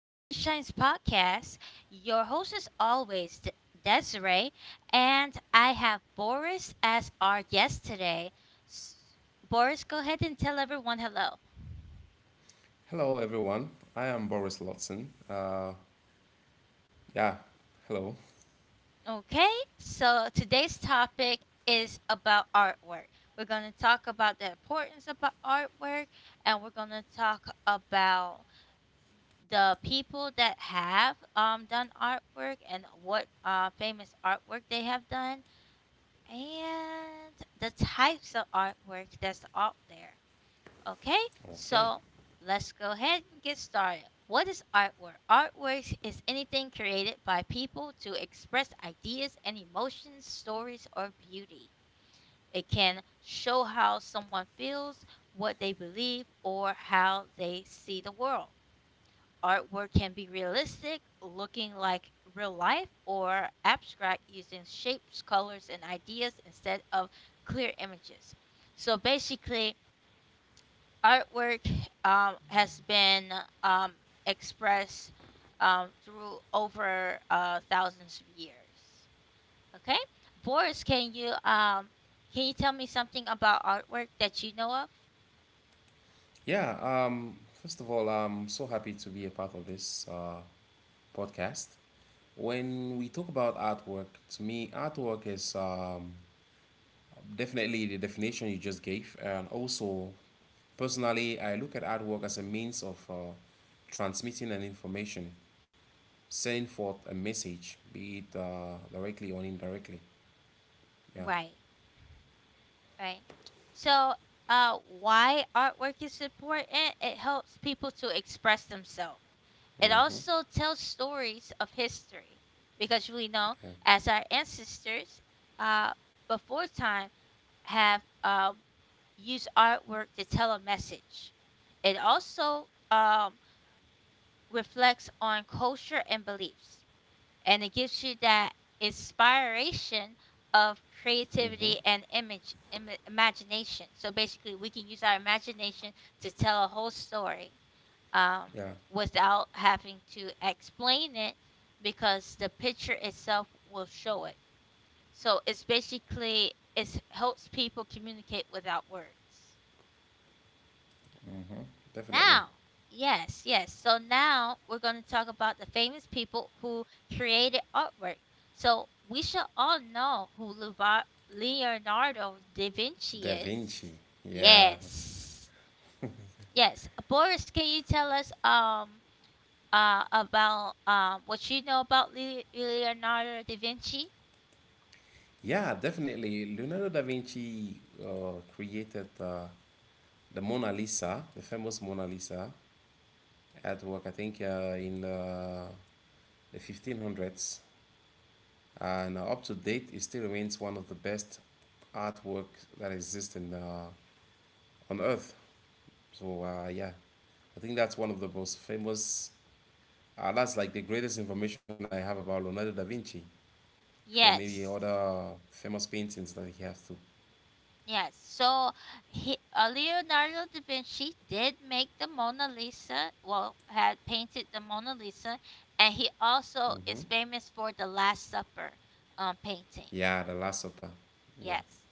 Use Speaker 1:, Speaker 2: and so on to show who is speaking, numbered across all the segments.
Speaker 1: Sunshine's podcast. Your host is always Desiree, and I have Boris as our guest today. S- Boris, go ahead and tell everyone hello.
Speaker 2: Hello, everyone. I am Boris Lotson. Yeah, hello.
Speaker 1: Okay, so today's topic is about artwork. We're going to talk about the importance about artwork, and we're going to talk about the people that have done artwork and what famous artwork they have done and the types of artwork that's out there. Okay?
Speaker 2: Okay.
Speaker 1: So, let's go ahead and get started. What is artwork? Artwork is anything created by people to express ideas and emotions, stories or beauty. It can show how someone feels, what they believe, or how they see the world. Artwork can be realistic, looking like real life, or abstract, using shapes, colors, and ideas instead of clear images. So basically, artwork has been um, expressed through over thousands of years. Okay, Boris, can you tell me something about artwork that you know of?
Speaker 2: Yeah, first of all, I'm so happy to be a part of this podcast. When we talk about artwork, to me, artwork is definitely the definition you just gave. And also, personally, I look at artwork as a means of transmitting an information, sending forth a message, be it directly or indirectly. Yeah.
Speaker 1: Right. Right. So, why artwork is important? It helps people to express themselves. It
Speaker 2: Mm-hmm.
Speaker 1: also tells stories of history because we know
Speaker 2: Yeah.
Speaker 1: as our ancestors, uh, before time have used artwork to tell a message. It also reflects on culture and beliefs, and it gives you that inspiration of
Speaker 2: Mm-hmm.
Speaker 1: creativity and imagination. So basically, we can use our imagination to tell a whole story um,
Speaker 2: Yeah.
Speaker 1: without having to explain it, because the picture itself will show it. So it's basically, it helps people communicate without words
Speaker 2: Definitely.
Speaker 1: now. Yes, yes. So now we're going to talk about the famous people who created artwork. So we should all know who Leonardo da Vinci
Speaker 2: Da
Speaker 1: is.
Speaker 2: Vinci. Yeah.
Speaker 1: Yes, yes. Boris, can you tell us about what you know about Leonardo da Vinci?
Speaker 2: Yeah, definitely. Leonardo da Vinci created the Mona Lisa, the famous Mona Lisa, artwork. I think, in the 1500s. And up to date, it still remains one of the best artwork that exists on Earth. So, yeah, I think that's one of the most famous, that's like the greatest information I have about Leonardo da Vinci for maybe
Speaker 1: Yes.
Speaker 2: other famous paintings that he has too.
Speaker 1: Yes, so he, Leonardo da Vinci did make the Mona Lisa, well, had painted the Mona Lisa, and he also
Speaker 2: Mm-hmm.
Speaker 1: is famous for the Last Supper painting.
Speaker 2: Yeah, The Last Supper. Yeah.
Speaker 1: Yes,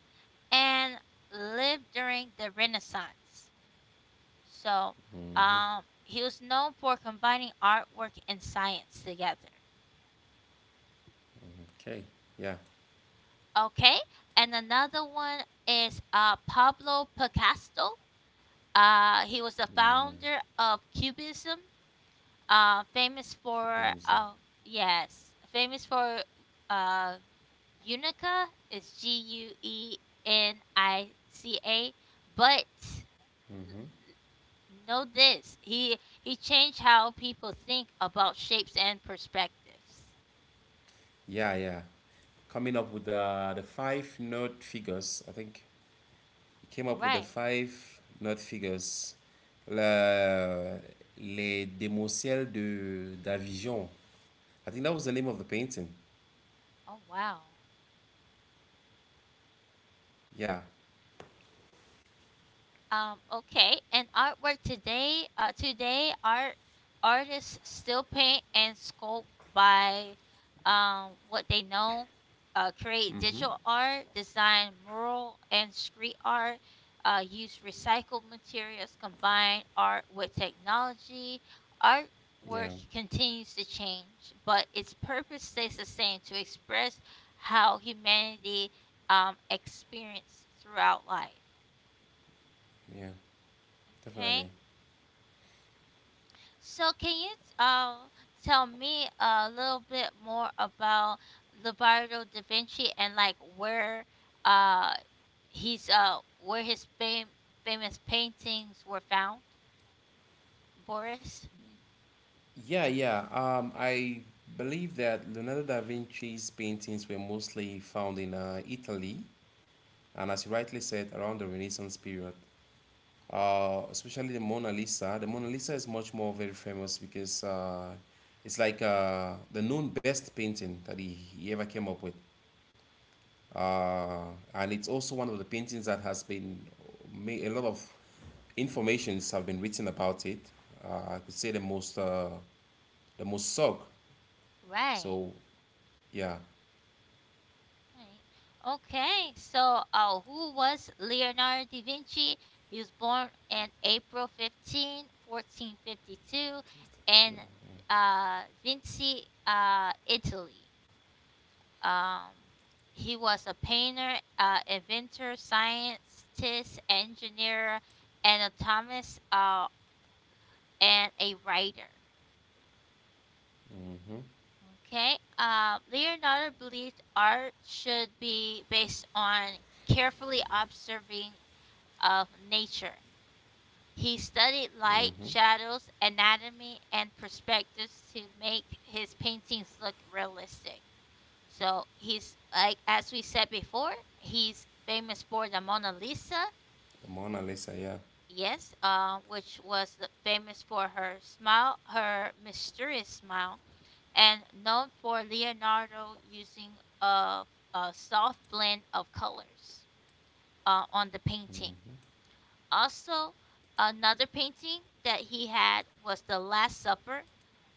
Speaker 1: and lived during the Renaissance. So
Speaker 2: Mm-hmm.
Speaker 1: he was known for combining artwork and science together.
Speaker 2: Okay. Yeah.
Speaker 1: Okay, and another one is Pablo Picasso. He was the
Speaker 2: Mm.
Speaker 1: founder of Cubism, uh, famous
Speaker 2: Keep being
Speaker 1: for
Speaker 2: easy.
Speaker 1: oh, yes, famous for uh, unica is Guenica, but
Speaker 2: Mm-hmm.
Speaker 1: know this, he changed how people think about shapes and perspectives.
Speaker 2: Yeah, yeah. Coming up with the five note figures. I think he came up with the
Speaker 1: Right.
Speaker 2: five note figures. Le, les démoiselles de d'Avignon. I think that was the name of the painting.
Speaker 1: Oh wow.
Speaker 2: Yeah.
Speaker 1: Okay, and artwork today. Today, artists still paint and sculpt by what they know. Create
Speaker 2: Mm-hmm.
Speaker 1: digital art, design mural and street art. Use recycled materials. Combine art with technology.
Speaker 2: Yeah.
Speaker 1: Artwork continues to change, but its purpose stays the same: to express how humanity experienced throughout life.
Speaker 2: Yeah.
Speaker 1: Okay.
Speaker 2: Definitely.
Speaker 1: So can you uh, tell me a little bit more about Leonardo da Vinci, and like where uh, he's where his famous paintings were found, Boris?
Speaker 2: Yeah, yeah. I believe that Leonardo da Vinci's paintings were mostly found in Italy, and as you rightly said, around the Renaissance period. Especially the Mona Lisa. The Mona Lisa is much more very famous because it's like the known best painting that he ever came up with. Uh, and it's also one of the paintings that has been made, a lot of informations have been written about it. I could say the most sog.
Speaker 1: Right.
Speaker 2: So yeah.
Speaker 1: Right. Okay. So uh, who was Leonardo da Vinci? He was born in April 15, 1452, in uh, Vinci, uh, Italy. Um, he was a painter, inventor, scientist, engineer, anatomist, and a writer.
Speaker 2: Mm-hmm.
Speaker 1: Okay. Leonardo believed art should be based on carefully observing of nature. He studied light,
Speaker 2: Mm-hmm.
Speaker 1: shadows, anatomy, and perspectives to make his paintings look realistic. So he's like, as we said before, he's famous for the Mona Lisa,
Speaker 2: The Mona Lisa, yeah.
Speaker 1: yes, which was the, famous for her smile, her mysterious smile, and known for Leonardo using of a soft blend of colors on the painting. Also, another painting that he had was The Last Supper,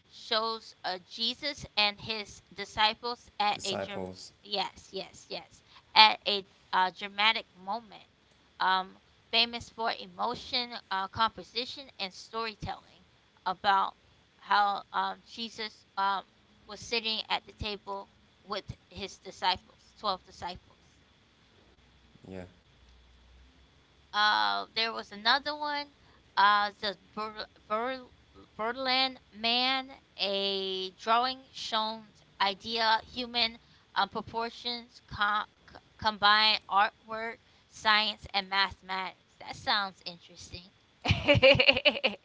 Speaker 1: shows Jesus and his disciples at a
Speaker 2: Disciples,
Speaker 1: yes, yes, yes, at a dramatic moment. Um, famous for emotion, composition, and storytelling about how Jesus was sitting at the table with his disciples, 12 disciples.
Speaker 2: yeah.
Speaker 1: There was another one. The Berlin Man, a drawing shown idea, human proportions, combine artwork, science, and mathematics. That sounds interesting.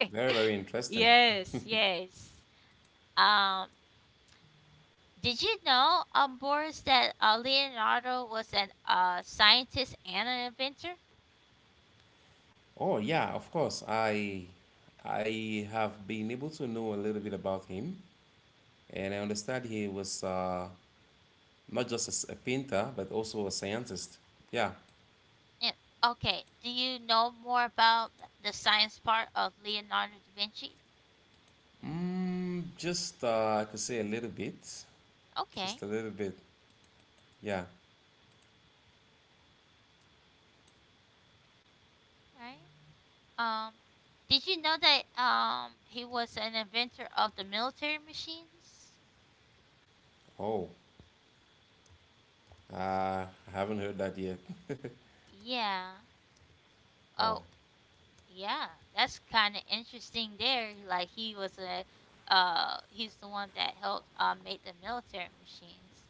Speaker 2: Very, very interesting.
Speaker 1: Yes, yes. Um, did you know, Boris, that Leonardo was an scientist and an inventor?
Speaker 2: Oh, yeah, of course. I have been able to know a little bit about him, and I understand he was not just a painter, but also a scientist. Yeah.
Speaker 1: And okay, do you know more about the science part of Leonardo da Vinci?
Speaker 2: Just I could say a little bit.
Speaker 1: Okay,
Speaker 2: Just a little bit. Yeah.
Speaker 1: all right. Did you know that um, he was an inventor of the military machines?
Speaker 2: Oh,
Speaker 1: Yeah.
Speaker 2: uh, I haven't heard that yet.
Speaker 1: Yeah.
Speaker 2: Wow.
Speaker 1: Oh, yeah. That's kind of interesting there. Like he was a uh, he's the one that helped uh, make the military machines.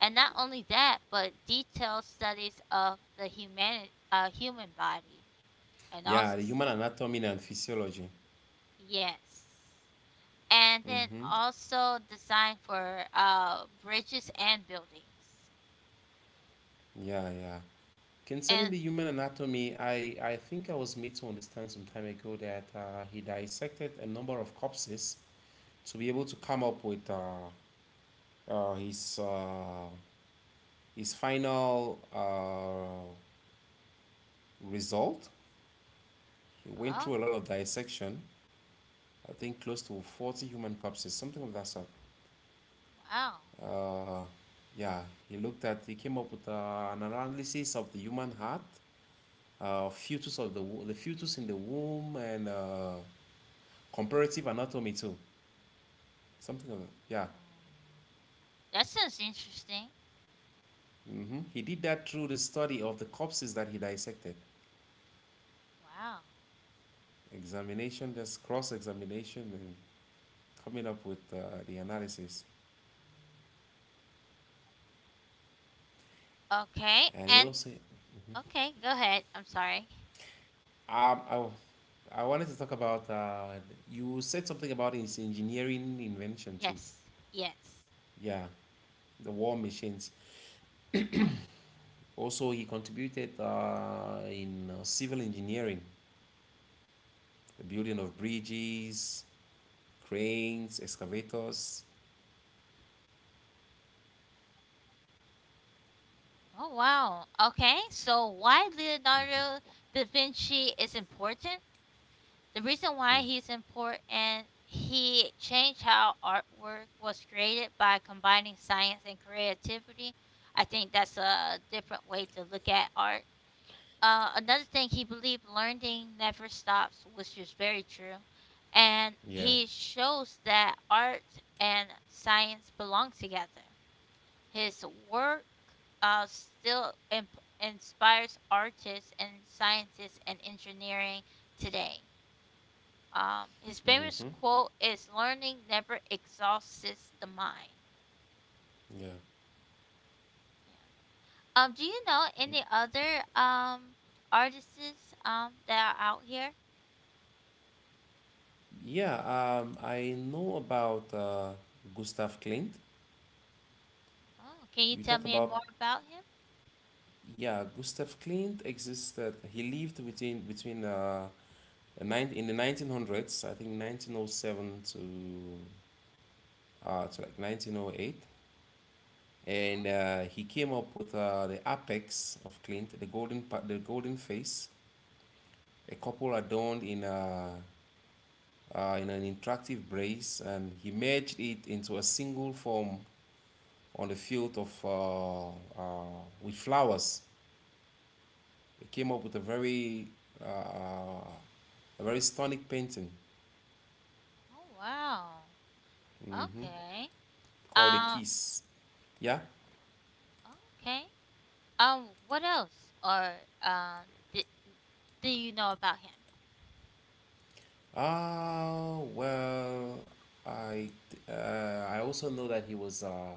Speaker 1: And not only that, but detailed studies of the human uh, human body, and
Speaker 2: Yeah,
Speaker 1: also
Speaker 2: the human anatomy and physiology.
Speaker 1: yes. And then
Speaker 2: Mm-hmm.
Speaker 1: also design for uh, bridges and buildings.
Speaker 2: Yeah, yeah. Concerning
Speaker 1: And
Speaker 2: the human anatomy, I think I was made to understand some time ago that he dissected a number of corpses to be able to come up with uh, his, uh, his final result. He went
Speaker 1: oh,
Speaker 2: through a lot of dissection, I think close to 40 human corpses, something of that sort.
Speaker 1: wow. Oh.
Speaker 2: Uh, yeah, he came up with an analysis of the human heart, fetus of the fetus in the womb, and comparative anatomy too, something of it. Yeah.
Speaker 1: That sounds interesting.
Speaker 2: He did that through the study of the corpses that he dissected,
Speaker 1: Wow.
Speaker 2: examination, just cross examination, and coming up with the analysis.
Speaker 1: Okay.
Speaker 2: And he
Speaker 1: And
Speaker 2: also,
Speaker 1: okay, go ahead. I'm sorry.
Speaker 2: um, I, I wanted to talk about. You said something about his engineering invention too.
Speaker 1: Yes. Yes.
Speaker 2: Yeah, the war machines. Also, he contributed in civil engineering, the building of bridges, cranes, excavators.
Speaker 1: Oh wow. Okay. So why Leonardo da Vinci is important? The reason why
Speaker 2: Mm,
Speaker 1: he's important, he changed how artwork was created by combining science and creativity. I think that's a different way to look at art. Another thing, he believed learning never stops, which is very true. And
Speaker 2: yeah.
Speaker 1: he shows that art and science belong together. His work still inspires artists and scientists and engineering today. His famous
Speaker 2: Mm-hmm.
Speaker 1: quote is "Learning never exhausts the mind."
Speaker 2: Yeah.
Speaker 1: Yeah. Do you know any other um, artists um, that are out here?
Speaker 2: Yeah, I know about Gustav Klimt.
Speaker 1: Oh, can you
Speaker 2: You
Speaker 1: tell
Speaker 2: talked
Speaker 1: me
Speaker 2: about,
Speaker 1: more about him?
Speaker 2: yeah, Gustav Klimt existed. He lived between in the 1900s, I think 1907 to like 1908,
Speaker 1: Oh,
Speaker 2: and he came up with the apex of Klimt, the golden face, a couple adorned in an interactive brace, and he merged it into a single form on the field of with flowers. He came up with uh, uh, a very stunning painting
Speaker 1: oh wow.
Speaker 2: mhm,
Speaker 1: Okay.
Speaker 2: called A
Speaker 1: Um.
Speaker 2: Kiss. Yeah.
Speaker 1: Okay. What else? Or um, did, do you know about him?
Speaker 2: Ah, well, I I also know that he was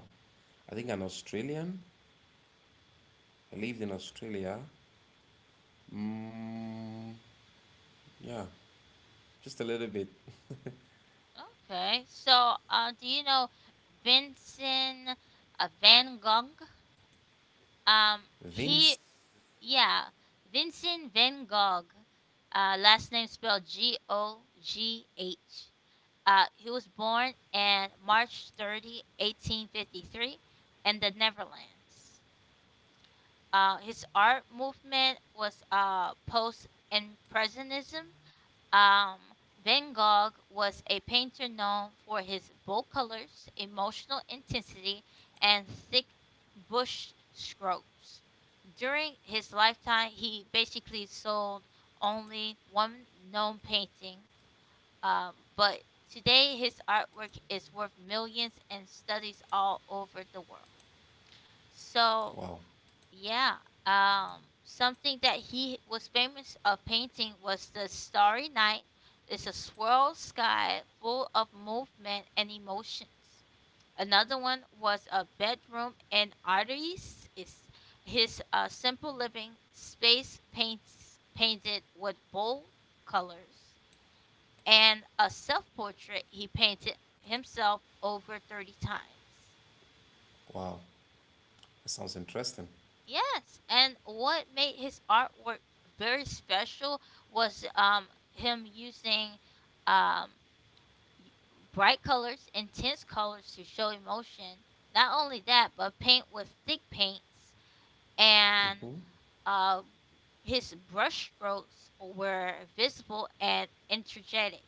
Speaker 2: I think an Australian. He lived in Australia. Mm, yeah, just a little bit.
Speaker 1: Okay. So, do you know Vincent Van Gogh? Um, he,
Speaker 2: Vince.
Speaker 1: yeah, Vincent Van Gogh, last name spelled GOGH. He was born on March 30, 1853, in the Netherlands. His art movement was post impressionism. Um, Van Gogh was a painter known for his bold colors, emotional intensity, and thick bush strokes. During his lifetime, he basically sold only one known painting, but today his artwork is worth millions and studies all over the world. So,
Speaker 2: Wow,
Speaker 1: yeah, something that he was famous of painting was the Starry Night. It's a swirl sky full of movement and emotions. Another one was a bedroom and arteries. Is his simple living space paints painted with bold colors, and a self portrait, he painted himself over 30 times.
Speaker 2: wow, that sounds interesting.
Speaker 1: Yes, and what made his artwork very special was um, him using um y- bright colors, intense colors to show emotion. Not only that, but paint with thick paints and
Speaker 2: Hmm.
Speaker 1: uh, his brushstrokes were visible and energetic.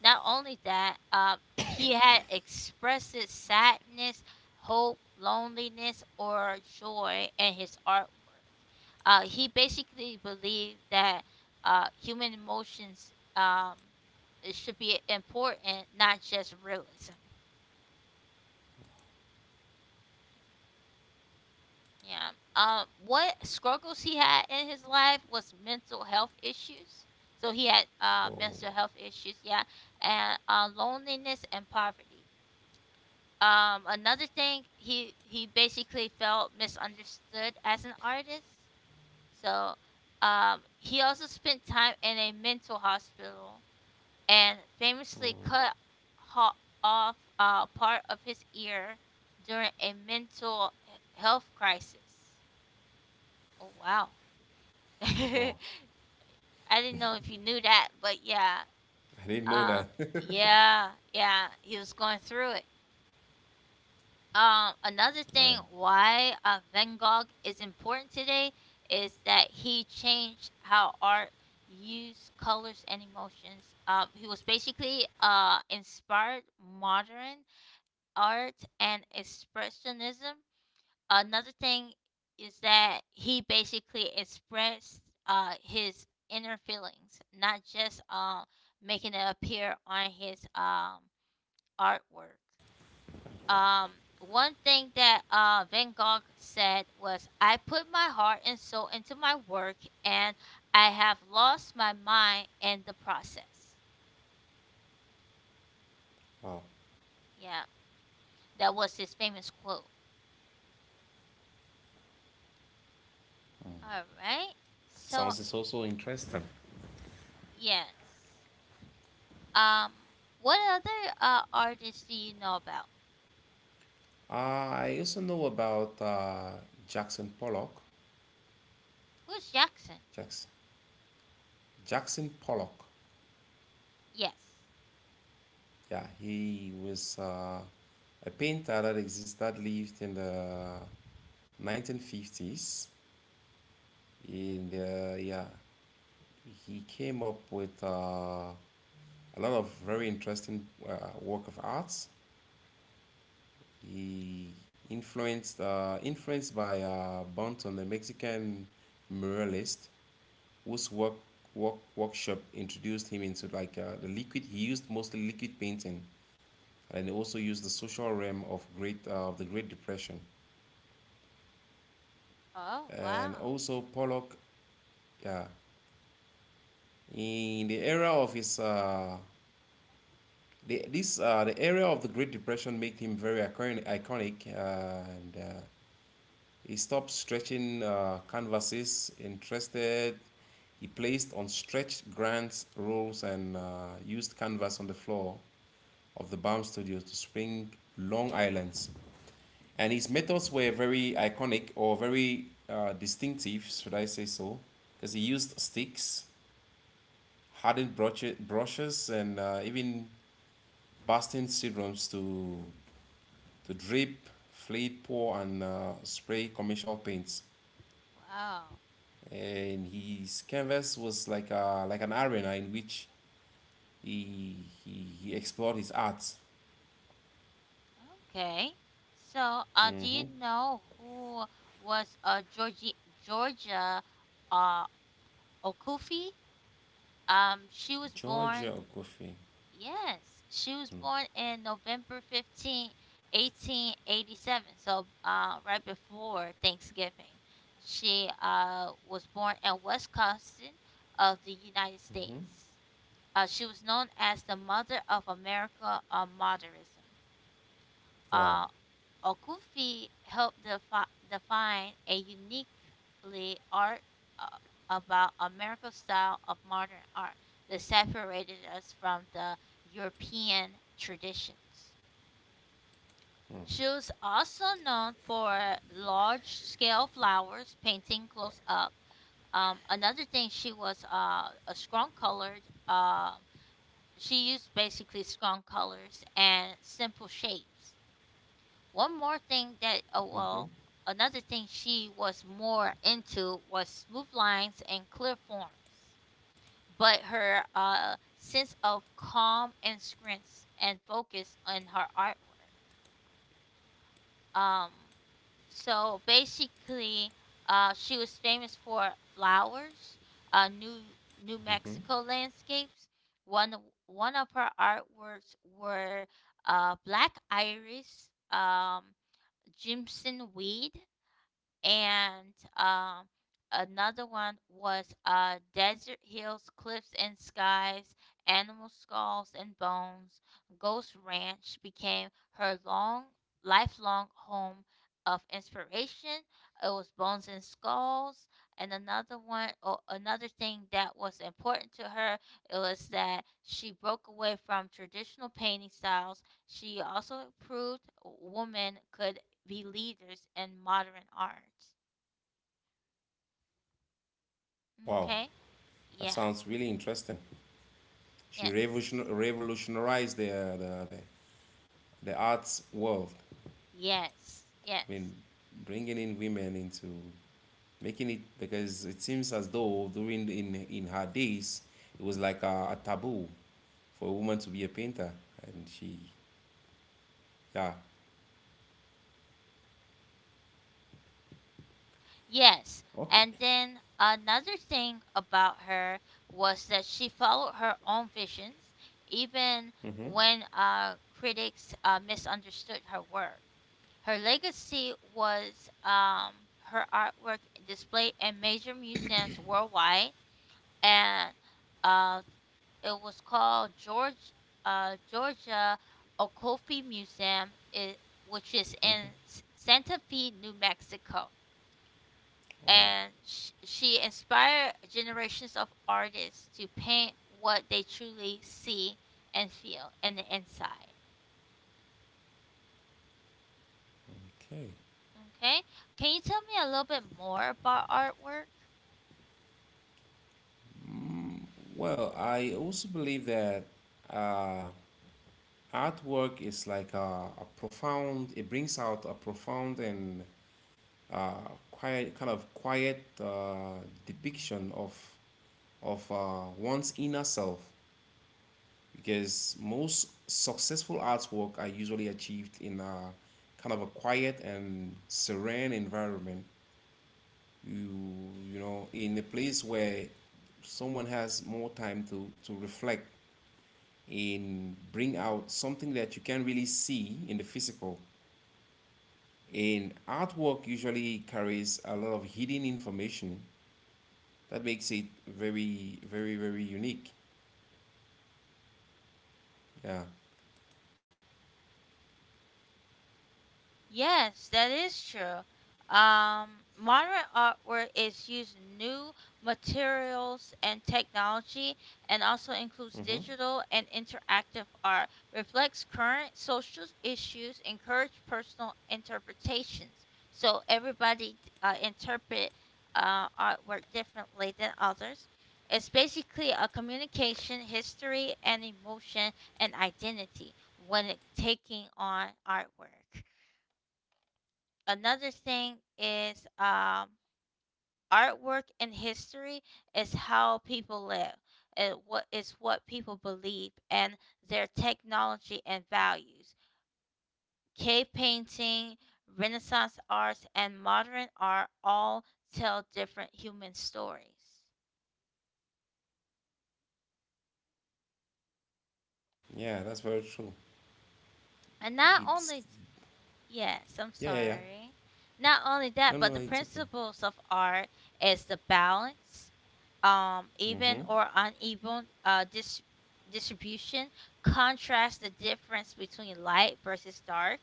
Speaker 1: Not only that, he had expressed sadness, hope, loneliness, or joy in his artwork. He basically believed that human emotions it should be important, not just realism. Yeah. What struggles he had in his life was mental health issues. So he had
Speaker 2: Oh,
Speaker 1: mental health issues, yeah, and loneliness and poverty. Another thing, he basically felt misunderstood as an artist. So he also spent time in a mental hospital, and famously cut ho- off part of his ear during a mental health crisis. Oh wow. I
Speaker 2: wow,
Speaker 1: didn't know if you knew that, but yeah,
Speaker 2: I didn't know
Speaker 1: uh,
Speaker 2: that.
Speaker 1: yeah, yeah, he was going through it. Another thing
Speaker 2: Uh,
Speaker 1: why Van Gogh is important today is that he changed how art used colors and emotions. He was basically uh, inspired modern art and expressionism. Another thing is that he basically expressed his inner feelings, not just making it appear on his artwork. Um, one thing that Van Gogh said was, "I put my heart and soul into my work, and I have lost my mind in the process."
Speaker 2: wow.
Speaker 1: Yeah, that was his famous quote. All right. So,
Speaker 2: Sounds is also interesting.
Speaker 1: yes. Um, what other artists do you know about?
Speaker 2: I also know about Jackson Pollock.
Speaker 1: Who's Jackson?
Speaker 2: Jackson, Jackson Pollock.
Speaker 1: Yes.
Speaker 2: Yeah, he was a painter that exists that lived in the 1950s. In the yeah, he came up with a lot of very interesting work of arts. He influenced by Bunton, the Mexican muralist, whose workshop introduced him into like the liquid. He used mostly liquid painting, and he also used the social realm of great of the Great Depression,
Speaker 1: Oh,
Speaker 2: and
Speaker 1: wow.
Speaker 2: also Pollock. Yeah, in the era of his. The era of the Great Depression made him very iconic, and he stopped stretching canvases. Interested, he placed on stretched grants rolls and used canvas on the floor of the Baum Studios to Spring, Long Island. And his methods were very iconic or very distinctive, should I say so, because he used sticks, hardened brushes, and even Boston syndromes to drip, fleet, pour, and spray commercial paints.
Speaker 1: Wow.
Speaker 2: And his canvas was like an arena in which he, he, he explored his art.
Speaker 1: Okay. So, do you
Speaker 2: Hmm.
Speaker 1: know who was Georgie, Georgia uh, Okufi? She was
Speaker 2: Georgia
Speaker 1: born,
Speaker 2: Okofe.
Speaker 1: yes, she was born in November 15, 1887. So, right before Thanksgiving, she was born in Wisconsin of the United
Speaker 2: Hmm.
Speaker 1: States. She was known as the mother of America modernism.
Speaker 2: Wow.
Speaker 1: Um, Okufi helped define a uniquely art uh, about American style of modern art that separated us from the European traditions.
Speaker 2: Mm.
Speaker 1: She was also known for large scale flowers, painting close up. Another thing, she was a strong colored, um, she used basically strong colors and simple shapes. One more thing that, oh,
Speaker 2: Hmm.
Speaker 1: well, another thing she was more into was smooth lines and clear forms. But her sense of calm and strength and focus on her artwork. Um, so basically, she was famous for flowers, uh, New New
Speaker 2: Hmm.
Speaker 1: Mexico landscapes. One of- one of her artworks were black iris, Jimson weed, and um, another one was Desert Hills, Cliffs and Skies, Animal Skulls and Bones. Ghost Ranch became her long, lifelong home of inspiration. It was Bones and Skulls, and another one, or another thing that was important to her, it was that she broke away from traditional painting styles. She also proved women could be leaders in modern art.
Speaker 2: Wow,
Speaker 1: Okay?
Speaker 2: that
Speaker 1: Yeah.
Speaker 2: sounds really interesting. She
Speaker 1: Yes.
Speaker 2: revolutionized the arts world.
Speaker 1: Yes.
Speaker 2: I mean,
Speaker 1: Yes.
Speaker 2: bringing in women into making it, because it seems as though during in her days it was like a taboo for a woman to be a painter, and she yeah.
Speaker 1: Yes.
Speaker 2: Okay.
Speaker 1: And then another thing about her was that she followed her own visions, even
Speaker 2: Mm-hmm.
Speaker 1: when critics misunderstood her work. Her legacy was her artwork displayed in major museums worldwide and uh, it was called George Georgia Okofi Museum, which is in
Speaker 2: Mm-hmm.
Speaker 1: Santa Fe, New Mexico.
Speaker 2: Oh,
Speaker 1: And she inspired generations of artists to paint what they truly see and feel in the inside.
Speaker 2: okay.
Speaker 1: Okay, can you tell me a little bit more about artwork?
Speaker 2: Mm, well, I also believe that uh, Artwork is like a profound, it brings out a profound and uh, kind of quiet depiction of one's inner self, because most successful artwork are usually achieved in a kind of a quiet and serene environment. You, in a place where someone has more time to reflect and bring out something that you can't really see in the physical. And artwork usually carries a lot of hidden information that makes it very, very, very unique. Yeah.
Speaker 1: Yes, that is true. Modern artwork is using new materials and technology and also includes
Speaker 2: Mm-hmm.
Speaker 1: digital and interactive art, reflects current social issues, encourage personal interpretations. So everybody interpret artwork differently than others. It's basically a communication, history, and emotion and identity when it, taking on artwork. Another thing is artwork and history is how people live. It what is what people believe and their technology and values. Cave painting, Renaissance arts, and modern art all tell different human stories.
Speaker 2: Yeah, that's very true.
Speaker 1: And not
Speaker 2: It's
Speaker 1: only. Yes, I'm
Speaker 2: Yeah, yeah, yeah.
Speaker 1: sorry. Not only that,
Speaker 2: No,
Speaker 1: but
Speaker 2: no,
Speaker 1: the
Speaker 2: it's okay.
Speaker 1: principles of art is the balance, even
Speaker 2: Mm-hmm.
Speaker 1: or uneven distribution, contrast the difference between light versus dark,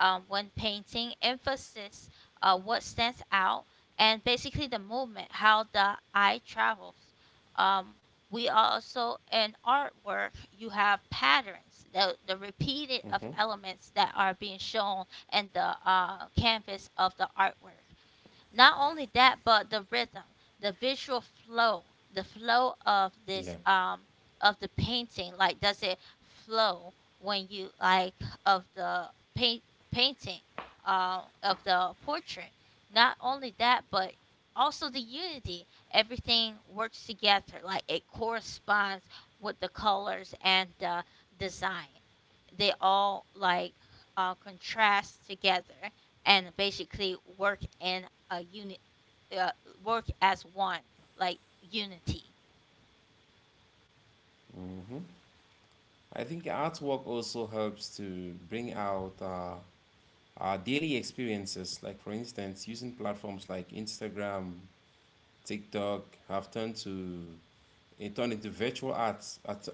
Speaker 1: when painting, emphasis, what stands out, and basically the movement, how the eye travels. Um, we also in artwork you have patterns, the repeated of
Speaker 2: Mm-hmm.
Speaker 1: elements that are being shown and the canvas of the artwork. Not only that, but the rhythm, the visual flow, the flow of
Speaker 2: Yeah.
Speaker 1: this of the painting. Like, does it flow when you like of the paint painting, of the portrait? Not only that, but also the unity. Everything works together. Like it corresponds with the colors and the design. They all like contrast together and basically work in a unit, uh, work as one, like unity.
Speaker 2: Mm-hmm. I think artwork also helps to bring out our daily experiences. Like for instance, using platforms like Instagram, TikTok have turned to. They turned into virtual arts.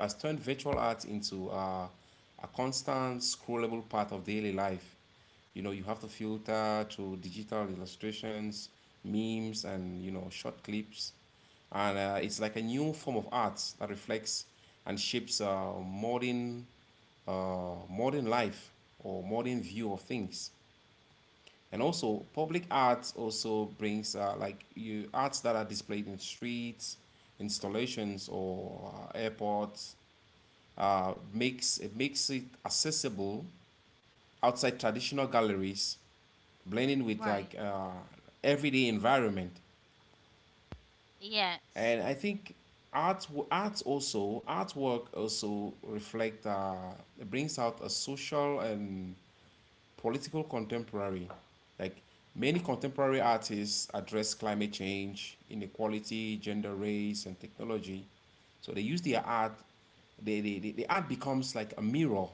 Speaker 2: Has turned virtual arts into a constant scrollable part of daily life. You know, you have to filter through digital illustrations, memes, and short clips. And it's like a new form of art that reflects and shapes modern life or modern view of things. And also public arts also brings like you arts that are displayed in streets installations or airports, makes it accessible outside traditional galleries, blending with
Speaker 1: Right.
Speaker 2: like everyday environment.
Speaker 1: Yes,
Speaker 2: And I think artwork also reflect, it brings out a social and political contemporary. Like many contemporary artists address climate change, inequality, gender, race, and technology. So they use their art. The art becomes like a mirror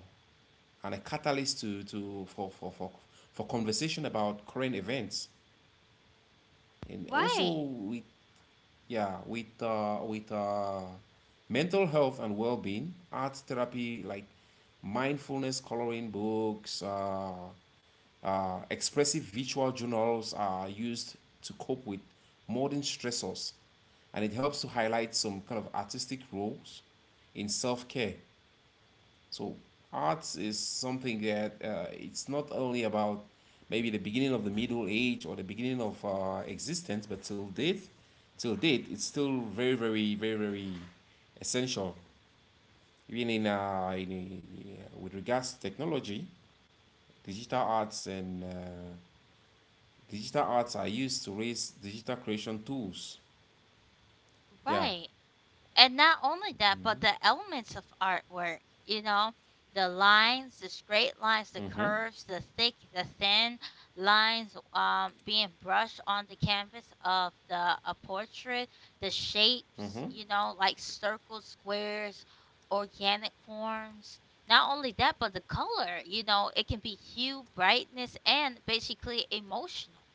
Speaker 2: and a catalyst to for conversation about current events. And also
Speaker 1: right.
Speaker 2: with mental health and well being. Art therapy like mindfulness coloring books. Expressive visual journals are used to cope with modern stressors, and it helps to highlight some kind of artistic roles in self-care. So arts is something that, it's not only about maybe the beginning of the middle age or the beginning of existence, but till date it's still very very very very essential, even in with regards to technology, digital arts, and digital arts are used to raise digital creation tools. Yeah.
Speaker 1: Right. And not only that, but the elements of artwork, you know, the lines, the straight lines, the
Speaker 2: Mhm.
Speaker 1: curves, the thick, the thin lines being brushed on the canvas of the a portrait, the shapes,
Speaker 2: Mhm.
Speaker 1: you know, like circles, squares, organic forms. Not only that, but the color, you know, it can be hue, brightness, and basically emotional.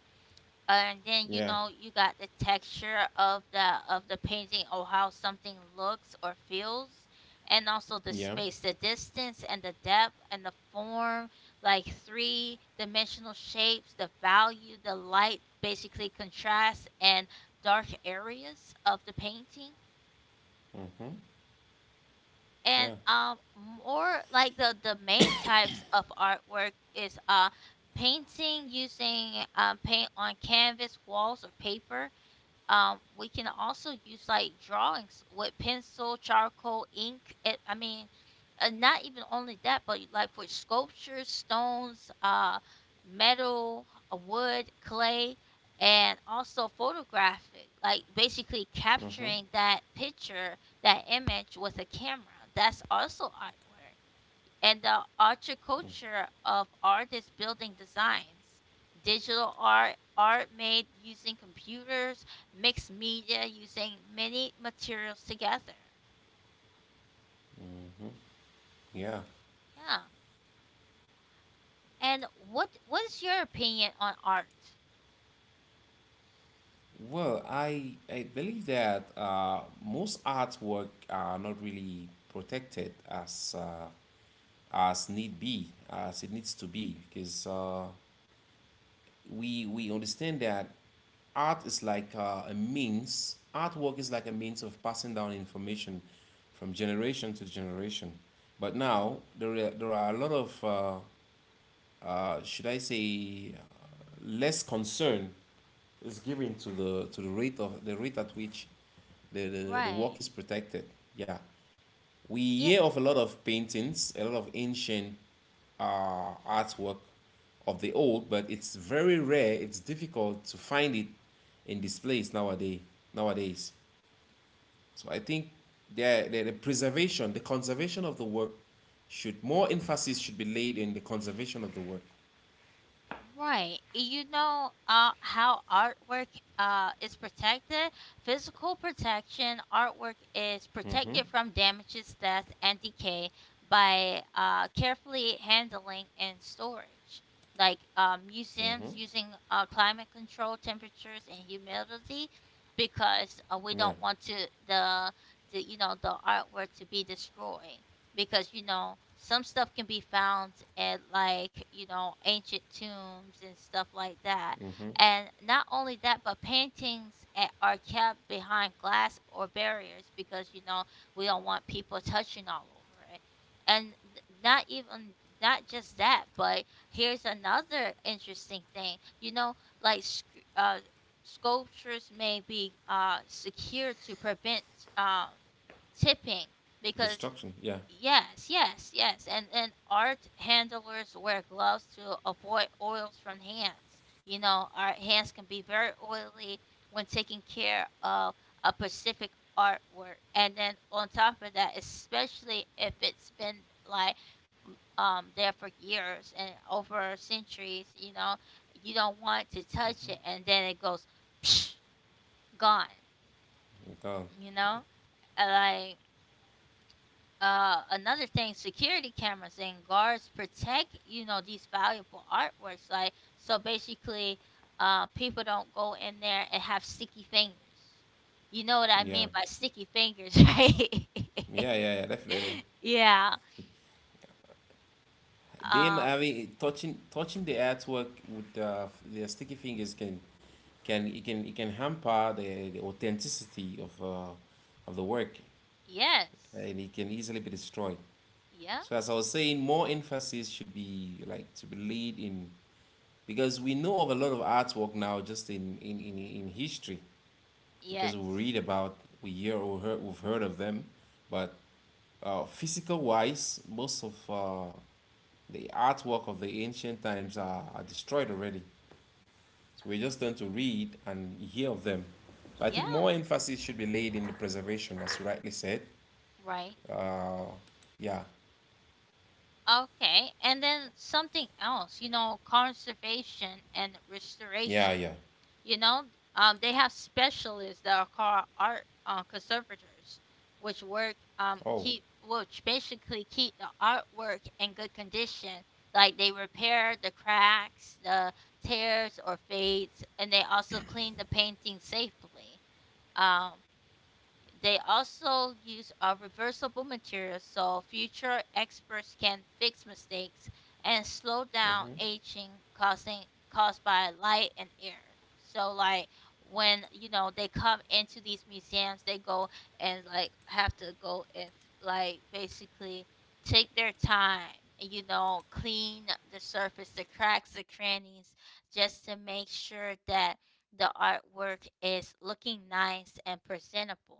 Speaker 1: And then you
Speaker 2: Yeah.
Speaker 1: know you got the texture of the painting or how something looks or feels. And also the
Speaker 2: Yeah.
Speaker 1: space, the distance and the depth and the form like three dimensional shapes, the value, the light, basically contrasts and dark areas of the painting. And
Speaker 2: Yeah.
Speaker 1: more like the main types of artwork is painting using paint on canvas walls or paper. We can also use like drawings with pencil, charcoal, ink. And not even only that, but like for sculptures, stones, metal, wood, clay, and also photographic. Like basically
Speaker 2: Mhm.
Speaker 1: capturing that picture, that image with a camera. That's also artwork, and the ultra of artists building designs. Digital art, art made using computers, mixed media using many materials together.
Speaker 2: Yeah.
Speaker 1: Yeah. And what is your opinion on art?
Speaker 2: Well, I believe that most artwork are not really protected as need be as it needs to be, because we understand that artwork is like a means of passing down information from generation to generation. But now there are a lot of, should I say less concern is given to the rate of the rate at which the work
Speaker 1: Right.
Speaker 2: is protected. Yeah, we hear of a lot of paintings, a lot of ancient artwork of the old, but it's very rare. It's difficult to find it in displays nowadays. Nowadays, so I think the preservation, the conservation of the work, should, more emphasis should be laid in the conservation of the work.
Speaker 1: Right. You know how artwork is protected? Physical protection, artwork is protected from damages, theft, and decay by carefully handling and storage. Like museums using climate control, temperatures, and humidity because we
Speaker 2: Yeah.
Speaker 1: don't want the, the you know the artwork to be destroyed because you know some stuff can be found at like you know ancient tombs and stuff like that.
Speaker 2: Mm-hmm.
Speaker 1: And not only that, but paintings are kept behind glass or barriers, because you know we don't want people touching all over it. And not even not just that, but here's another interesting thing, you know, like uh, sculptures may be secured to prevent um, tipping, because…
Speaker 2: Destruction. Yeah.
Speaker 1: Yes, yes. and art handlers wear gloves to avoid oils from hands. You know, our hands can be very oily when taking care of a specific artwork. And then on top of that, especially if it's been like there for years and over centuries, you know, you don't want to touch it and then it goes gone,
Speaker 2: Gone.
Speaker 1: you know? Like another thing, security cameras and guards protect, you know, these valuable artworks, like so basically people don't go in there and have sticky fingers. You know what I mean
Speaker 2: Yeah.
Speaker 1: by sticky fingers? Right.
Speaker 2: Yeah. Yeah. Yeah. Definitely.
Speaker 1: Yeah.
Speaker 2: Them
Speaker 1: uh
Speaker 2: having touching the artwork with their sticky fingers can hamper the authenticity of the work,
Speaker 1: yes
Speaker 2: and it can easily be destroyed.
Speaker 1: yeah
Speaker 2: So as I was saying, more emphasis should be like to be laid in because we know of a lot of artwork now just in history because we
Speaker 1: yes
Speaker 2: read about we've heard of them, but physical wise, most of the artwork of the ancient times are destroyed already. So we just learn to read and hear of them. So I think more
Speaker 1: yeah
Speaker 2: emphasis should be laid in the preservation, as you rightly said.
Speaker 1: right.
Speaker 2: Uh, yeah,
Speaker 1: Okay, and then something else, you know, conservation and
Speaker 2: yeah,
Speaker 1: restoration.
Speaker 2: yeah.
Speaker 1: You know, they have specialists that are called art conservators, which work
Speaker 2: Oh,
Speaker 1: keep which basically keep the artwork in good condition. Like they repair the cracks, the tears or fades, and they also clean the painting safely. Um, they also use reversible materials so future experts can fix mistakes and slow down
Speaker 2: mm-hmm,
Speaker 1: aging causing caused by light and air. So like when you know they come into these museums, they go and like have to go and like basically take their time, you know, clean the surface, the cracks, the crannies, just to make sure that the artwork is looking nice and presentable.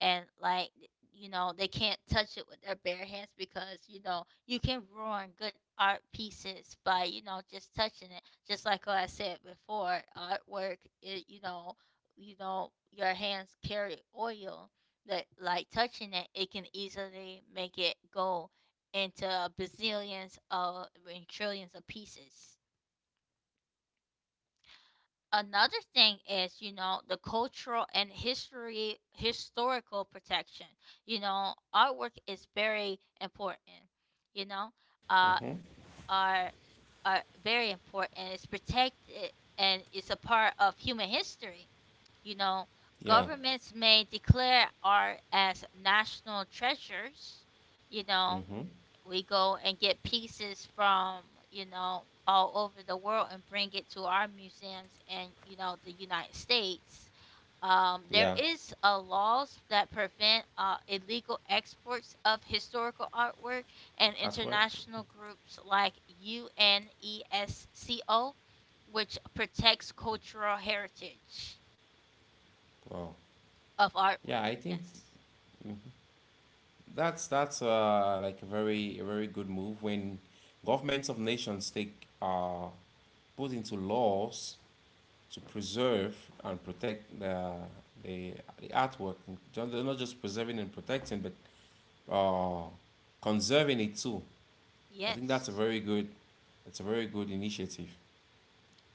Speaker 1: And like, you know, they can't touch it with their bare hands, because you know you can ruin good art pieces by, you know, just touching it, just like what I said before, artwork, it, you know, you know your hands carry oil that like touching it, it can easily make it go into bazillions of I trillions of pieces. Another thing is, you know, the cultural and history historical protection. You know artwork is very important, you know, uh
Speaker 2: mm-hmm,
Speaker 1: are are very important. It's protected and it's a part of human history. You know,
Speaker 2: yeah,
Speaker 1: governments may declare art as national treasures. You know,
Speaker 2: mm-hmm,
Speaker 1: we go and get pieces from, you know, all over the world and bring it to our museums and, you know, the United States. There
Speaker 2: yeah.
Speaker 1: is laws that prevent illegal exports of historical artwork, and
Speaker 2: Artwork.
Speaker 1: international groups like UNESCO, which protects cultural heritage
Speaker 2: Oh,
Speaker 1: of
Speaker 2: yeah,
Speaker 1: artwork.
Speaker 2: I think
Speaker 1: Yes.
Speaker 2: mhm, that's like a very good move when governments of nations take uh, put into laws to preserve and protect the, the artwork. Not just preserving and protecting, but uh, conserving it too. I think that's a
Speaker 1: Yes.
Speaker 2: very good, it's a very good initiative.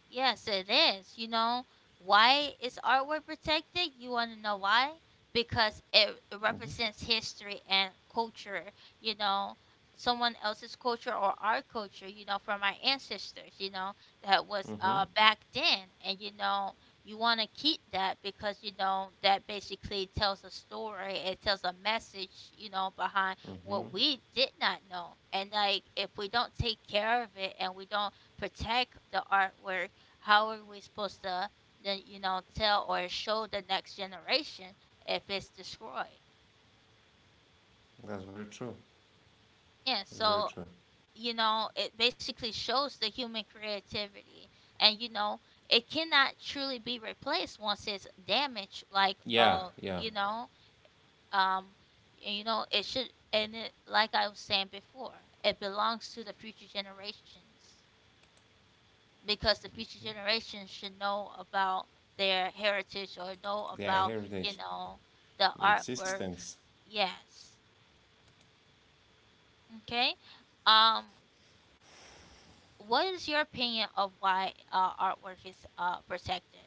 Speaker 1: Yes, it is. You know, why is artwork protected? You want to know why? Because it
Speaker 2: Mm-hmm.
Speaker 1: represents history and culture, you know, someone else's culture or our culture, you know, from our ancestors, you know, that was
Speaker 2: Mm-hmm.
Speaker 1: back then. And you know, you want to keep that because you know that basically tells a story, it tells a message, you know, behind
Speaker 2: Mm-hmm.
Speaker 1: what we did not know. And like if we don't take care of it and we don't protect the artwork, how are we supposed to then, you know, tell or show the next generation if it's destroyed?
Speaker 2: That's very true.
Speaker 1: Yeah,
Speaker 2: That's very
Speaker 1: so
Speaker 2: true.
Speaker 1: you know, it basically shows the human creativity, and you know, it cannot truly be replaced once it's damaged. Like,
Speaker 2: Yeah, yeah.
Speaker 1: you know, um, and, you know, it should, and it, like I was saying before, it belongs to the future generations. Because the future generations should know about their heritage or know
Speaker 2: Their
Speaker 1: about, you
Speaker 2: heritage,
Speaker 1: know, the
Speaker 2: their
Speaker 1: artwork.
Speaker 2: existence.
Speaker 1: Yes. Okay. um what is your opinion of why artwork is protected?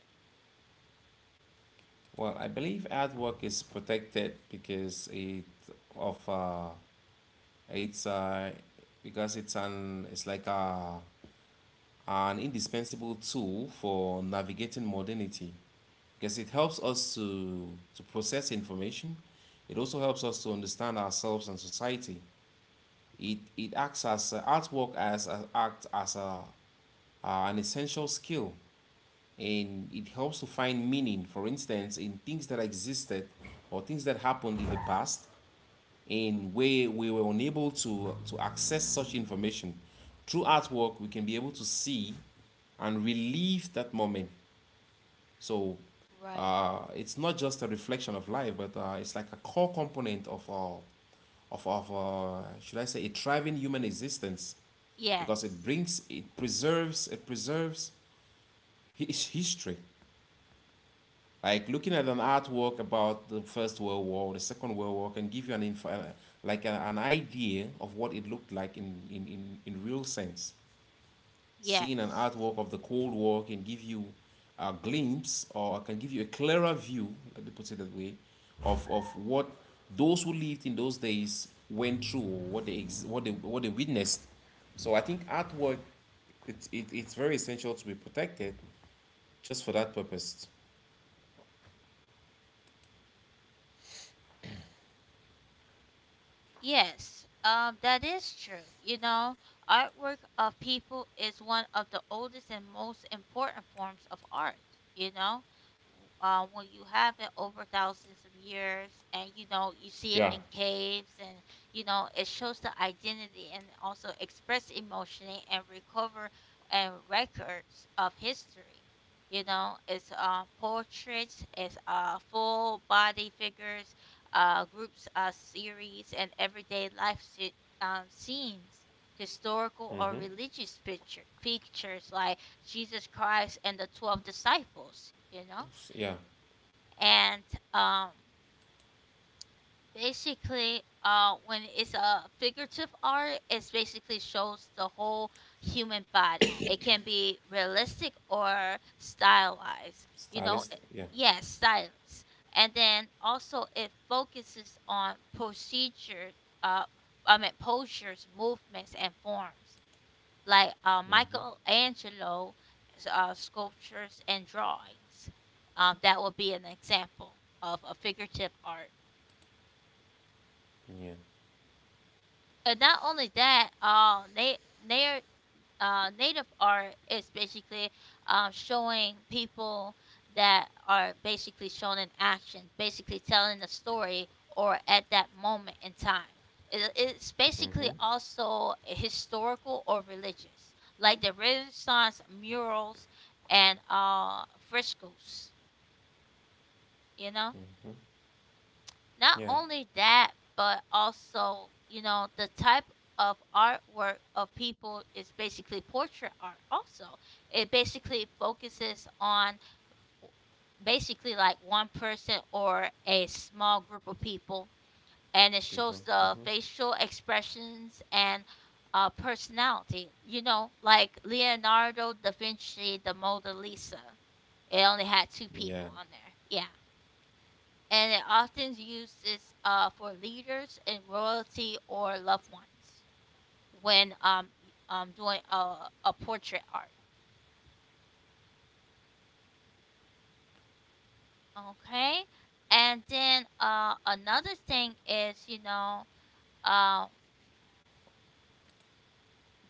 Speaker 2: Well, I believe artwork is protected because it of it's because it's an it's like a an indispensable tool for navigating modernity, because it helps us to process information. It also helps us to understand ourselves and society. It acts as artwork as act as a, an essential skill, and it helps to find meaning. For instance, in things that existed or things that happened in the past, and where we were unable to access such information, through artwork we can be able to see and relive that moment. So
Speaker 1: Right.
Speaker 2: it's not just a reflection of life, but it's like a core component of our, of should I say, a thriving human existence, because
Speaker 1: yes
Speaker 2: it preserves his history. Like looking at an artwork about the First World War, the Second World War, can give you like an idea of what it looked like in real sense. Seeing an
Speaker 1: yes
Speaker 2: artwork of the Cold War can give you a glimpse, or can give you a clearer view, let me put it that way, of what those who lived in those days went through, what they what they witnessed. So I think artwork, it's very essential to be protected just for that purpose.
Speaker 1: Yes, that is true. You know, artwork of people is one of the oldest and most important forms of art. You know, when you have it over thousands of years, and you know, you see it
Speaker 2: Yeah.
Speaker 1: in caves, and you know, it shows the identity and also express emotion and recover and records of history. You know, it's portraits, it's full body figures, groups, series, and everyday life scenes, historical or
Speaker 2: Mm-hmm.
Speaker 1: religious pictures like Jesus Christ and the 12 disciples, you know?
Speaker 2: Yeah.
Speaker 1: And um, basically when it's a figurative art, it basically shows the whole human body. It can be realistic or stylized, you know,
Speaker 2: Stylist. Yeah.
Speaker 1: yes, yeah, stylized. And then also it focuses on procedure, uh postures, movements and forms, like Michelangelo sculptures and drawings. That would be an example of a figurative art.
Speaker 2: Yeah.
Speaker 1: And not only that, na- native art is basically showing people that are basically shown in action, basically telling a story or at that moment in time. It's basically also historical or religious, like the Renaissance murals and frescoes, you know? Not
Speaker 2: Yeah.
Speaker 1: only that, but also, you know, the type of artwork of people is basically portrait art also. It basically focuses on w- basically like one person or a small group of people, and it
Speaker 2: Beautiful.
Speaker 1: shows
Speaker 2: Mm-hmm.
Speaker 1: the facial expressions and personality. You know, like Leonardo da Vinci, the Mona Lisa. It only had two
Speaker 2: Yeah.
Speaker 1: people on there. Yeah. And it often uses for leaders and royalty or loved ones when doing a portrait art. Okay. And then another thing is, uh,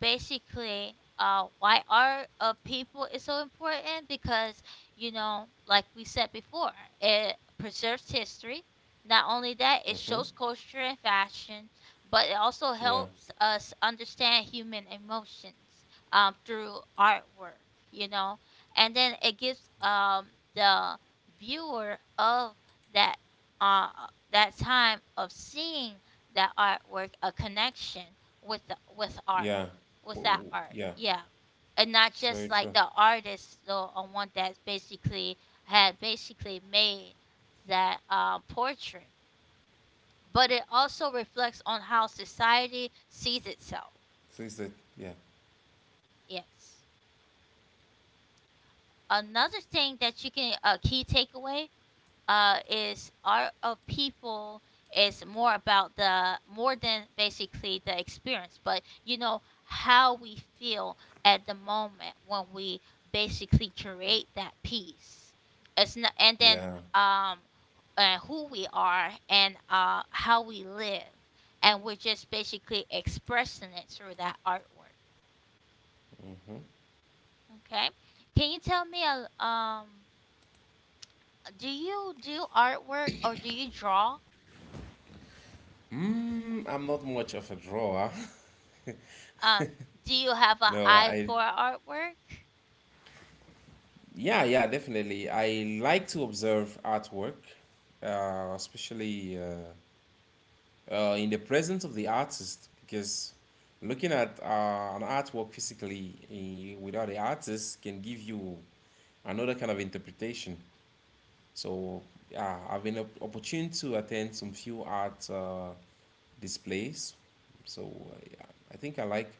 Speaker 1: basically why art of people is so important because, like we said before, it preserves history. Not only that, it
Speaker 2: Mm-hmm.
Speaker 1: shows culture and fashion, but it also
Speaker 2: Yeah.
Speaker 1: helps us understand human emotions through artwork. you know and then it gives the viewer of that uh that time of seeing that artwork a connection with art,
Speaker 2: Yeah.
Speaker 1: with that art.
Speaker 2: Yeah.
Speaker 1: Yeah. And not
Speaker 2: It's very
Speaker 1: just like
Speaker 2: true.
Speaker 1: the artist, the one that basically had basically made that portrait. But it also reflects on how society sees itself.
Speaker 2: Things that yeah.
Speaker 1: Yes. Another thing that you can a key takeaway, is art of people is more about the, more than basically the experience, but you know how we feel at the moment when we basically create that piece. It's not, and then
Speaker 2: Yeah.
Speaker 1: um, who we are and how we live, and we're just basically expressing it through that artwork. Okay, can you tell me a? Do you do artwork or do you draw?
Speaker 2: Mm, I'm not much of a drawer.
Speaker 1: Um, do you have an
Speaker 2: No,
Speaker 1: eye
Speaker 2: I,
Speaker 1: for artwork?
Speaker 2: yeah, yeah, definitely. I like to observe artwork, especially in the presence of the artist, because looking at an artwork physically without the artist can give you another kind of interpretation. So, yeah, I've been opportune to attend some few art displays. So, yeah, I think I like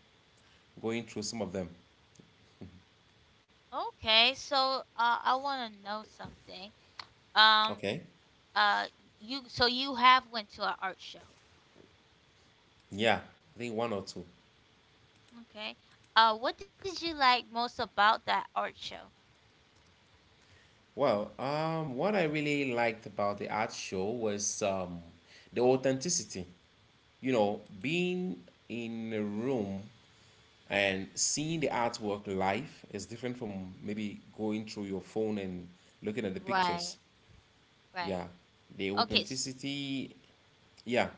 Speaker 2: going through some of them.
Speaker 1: Okay, so I want to know something. Um,
Speaker 2: Okay.
Speaker 1: uh, you so you have went to an art show.
Speaker 2: Yeah, I think one or two.
Speaker 1: Okay. What did you like most about that art show?
Speaker 2: Well, what I really liked about the art show was the authenticity. You know, being in a room and seeing the artwork live is different from maybe going through your phone and looking at the
Speaker 1: Right,
Speaker 2: pictures.
Speaker 1: right.
Speaker 2: Yeah, the
Speaker 1: Okay,
Speaker 2: authenticity. Yeah,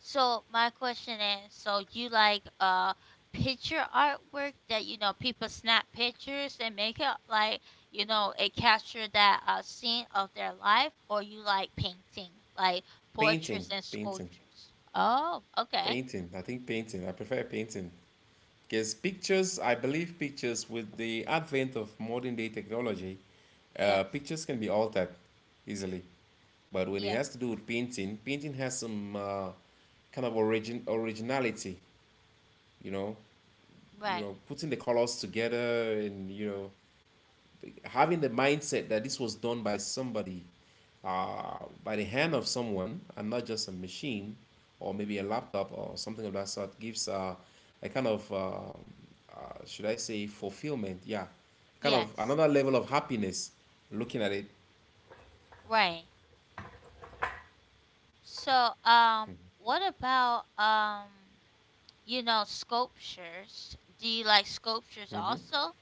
Speaker 1: so my question is, so you like picture artwork that people snap pictures and make it like it capture that scene of their life, or you like painting like
Speaker 2: painting,
Speaker 1: portraits and
Speaker 2: painting,
Speaker 1: sculptures? Oh, okay.
Speaker 2: painting. I think painting. I prefer painting. Because pictures, I believe pictures, with the advent of modern day technology,
Speaker 1: Yes.
Speaker 2: pictures can be altered easily. But when it
Speaker 1: Yes.
Speaker 2: has to do with painting, painting has some kind of originality, you know, you
Speaker 1: Right.
Speaker 2: know, putting the colors together and you know, having the mindset that this was done by somebody, by the hand of someone, and not just a machine or maybe a laptop or something of that sort, gives a kind of, should I say, fulfillment? Yeah, kind of
Speaker 1: Yes.
Speaker 2: another level of happiness looking at it.
Speaker 1: Right. So what about sculptures? Do you like sculptures also?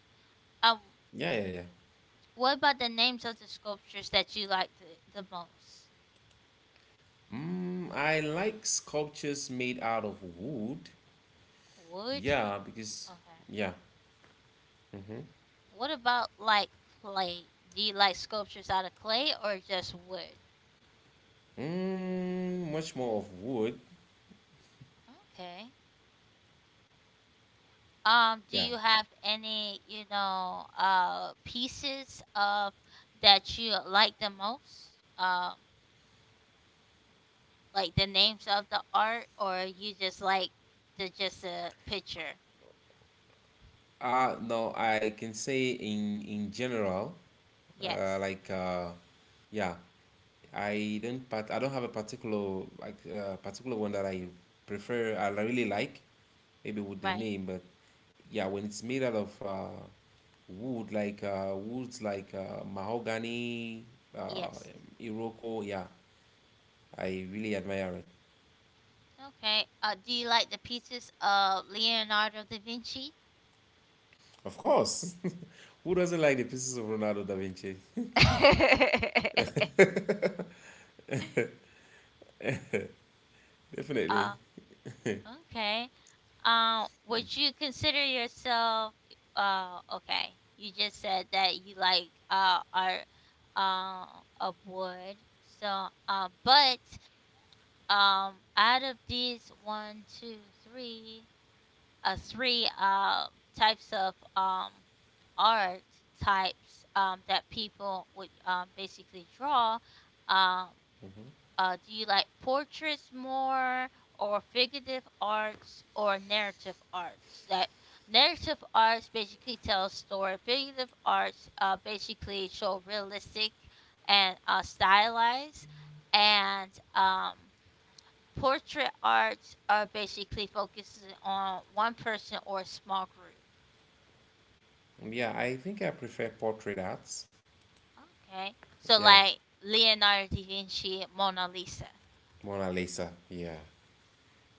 Speaker 1: Um
Speaker 2: Yeah, yeah, yeah.
Speaker 1: What about the names of the sculptures that you like the most?
Speaker 2: Mm, I like sculptures made out of wood.
Speaker 1: Wood?
Speaker 2: Yeah, because,
Speaker 1: Okay.
Speaker 2: yeah,
Speaker 1: What about like clay? Do you like sculptures out of clay or just wood?
Speaker 2: mm, much more of wood.
Speaker 1: Okay. Do
Speaker 2: Yeah.
Speaker 1: you have any, pieces of that you like the most? Um, like the names of the art or you just like the just a picture?
Speaker 2: No, I can say in general, uh,
Speaker 1: Yes.
Speaker 2: like uh, yeah, I don't have a particular like particular one that I prefer. I really like, maybe with the
Speaker 1: Right.
Speaker 2: name, but yeah, when it's made out of wood, like woods like mahogany, uh,
Speaker 1: Yes.
Speaker 2: iroko, yeah, I really admire it.
Speaker 1: Okay. Do you like the pieces of Leonardo da Vinci?
Speaker 2: Of course, who doesn't like the pieces of Ronaldo da Vinci? Definitely.
Speaker 1: Uh, okay. Would you consider yourself? Okay. You just said that you like art uh, of wood. So, but out of these one, two, three, three types of art types, that people would, basically draw. Um, do you like portraits more, or figurative arts, or narrative arts? That narrative arts basically tell a story. Figurative arts basically show realistic and stylized, and portrait arts are basically focusing on one person or a small group.
Speaker 2: Yeah, I think I prefer portrait arts.
Speaker 1: Okay. So
Speaker 2: Yeah,
Speaker 1: like Leonardo da Vinci, Mona Lisa.
Speaker 2: Mona Lisa. Yeah,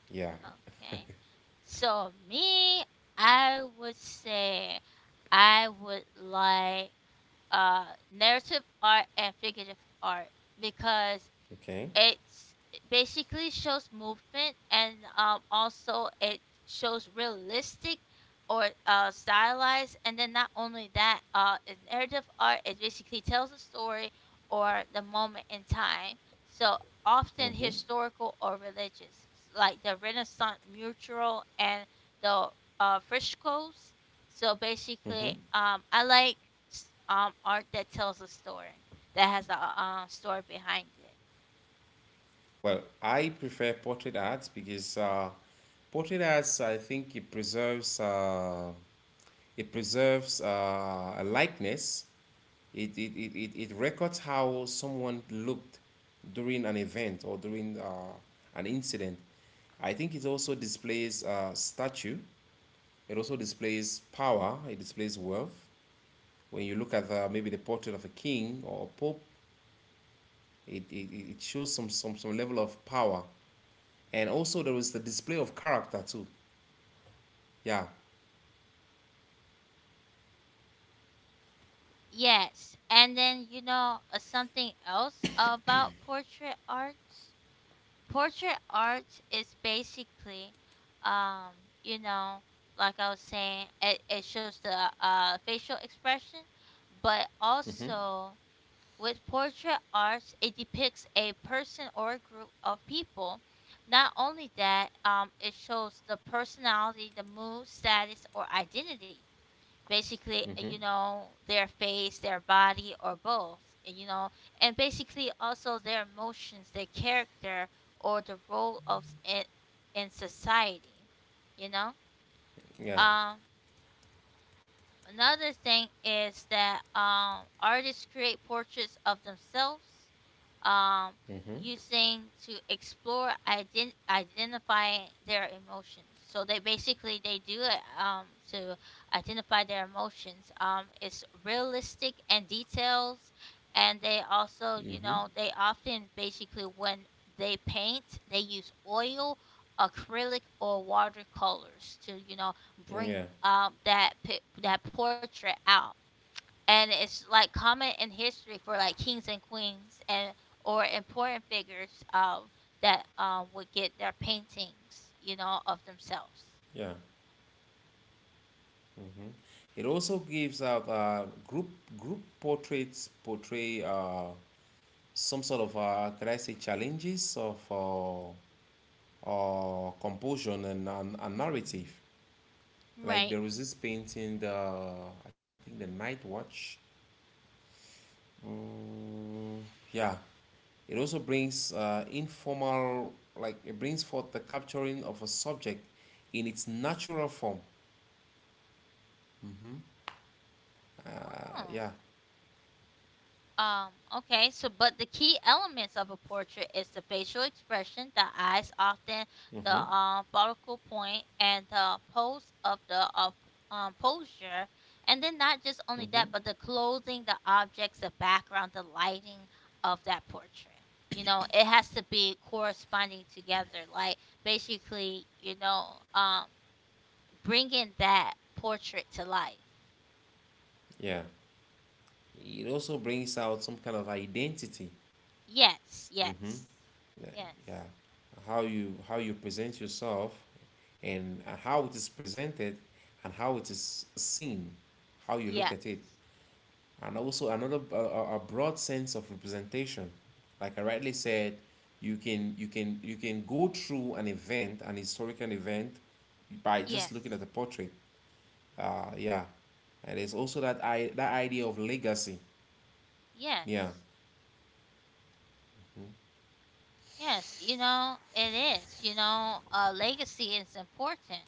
Speaker 2: yeah.
Speaker 1: Okay. So me, I would say I would like uh narrative art and figurative art because
Speaker 2: Okay.
Speaker 1: it's basically shows movement, and also it shows realistic or stylized. And then not only that, in narrative art it basically tells a story or the moment in time, so often
Speaker 2: Mm-hmm.
Speaker 1: historical or religious, like the Renaissance mural and the frescoes. So basically,
Speaker 2: Mm-hmm.
Speaker 1: I like art that tells a story, that has a story behind it.
Speaker 2: Well, I prefer portrait arts because portrait arts, I think it preserves a likeness. It records how someone looked during an event or during an incident. I think it also displays statue. It also displays power. It displays wealth. When you look at maybe the portrait of a king or a pope, it shows some level of power. And also there is the display of character too. Yeah.
Speaker 1: Yes, and then something else about portrait arts. Portrait arts is basically, um, you know, like I was saying, it shows the facial expression, but
Speaker 2: Mm-hmm.
Speaker 1: also with portrait arts, it depicts a person or a group of people. Not only that, it shows the personality, the mood, status, or identity, basically,
Speaker 2: Mm-hmm.
Speaker 1: their face, their body, or both, uh, you know and basically also their emotions, their character, or the role of it in society you know
Speaker 2: Yeah.
Speaker 1: um Another thing is that artists create portraits of themselves, um,
Speaker 2: Mm-hmm.
Speaker 1: using to explore identify their emotions. So they basically they do it, to identify their emotions. It's realistic and details, and they also
Speaker 2: Mm-hmm.
Speaker 1: they often basically when they paint they use oil, acrylic, or watercolors to bring
Speaker 2: Yeah.
Speaker 1: that that portrait out. And it's like common in history for like kings and queens and, or important figures, that would get their paintings, of themselves.
Speaker 2: Yeah. It also gives out group portraits, portray some sort of can I say challenges of composition and narrative. Like
Speaker 1: Right.
Speaker 2: there was this painting, the I think the Night Watch. Mm, yeah, it also brings informal, like it brings forth the capturing of a subject in its natural form.
Speaker 1: Oh.
Speaker 2: Uh, yeah.
Speaker 1: Okay, so but the key elements of a portrait is the facial expression, the eyes, often the
Speaker 2: Mm-hmm.
Speaker 1: focal point, and the pose of the posture. And then not just only
Speaker 2: Mm-hmm.
Speaker 1: that, but the clothing, the objects, the background, the lighting of that portrait. You know, it has to be corresponding together. Like basically, bringing that portrait to life.
Speaker 2: Yeah. It also brings out some kind of identity.
Speaker 1: Yes, yes, yes,
Speaker 2: Yeah. How you present yourself, and how it is presented, and how it is seen, how you look at it,
Speaker 1: yes.
Speaker 2: and also another a broad sense of representation, like I rightly said. You can go through an event, an historical event, by just looking at
Speaker 1: Yes.
Speaker 2: the portrait. Uh yeah, and there's also that idea of legacy. Yeah.
Speaker 1: Yes. Yes, you know, it is. Legacy is important.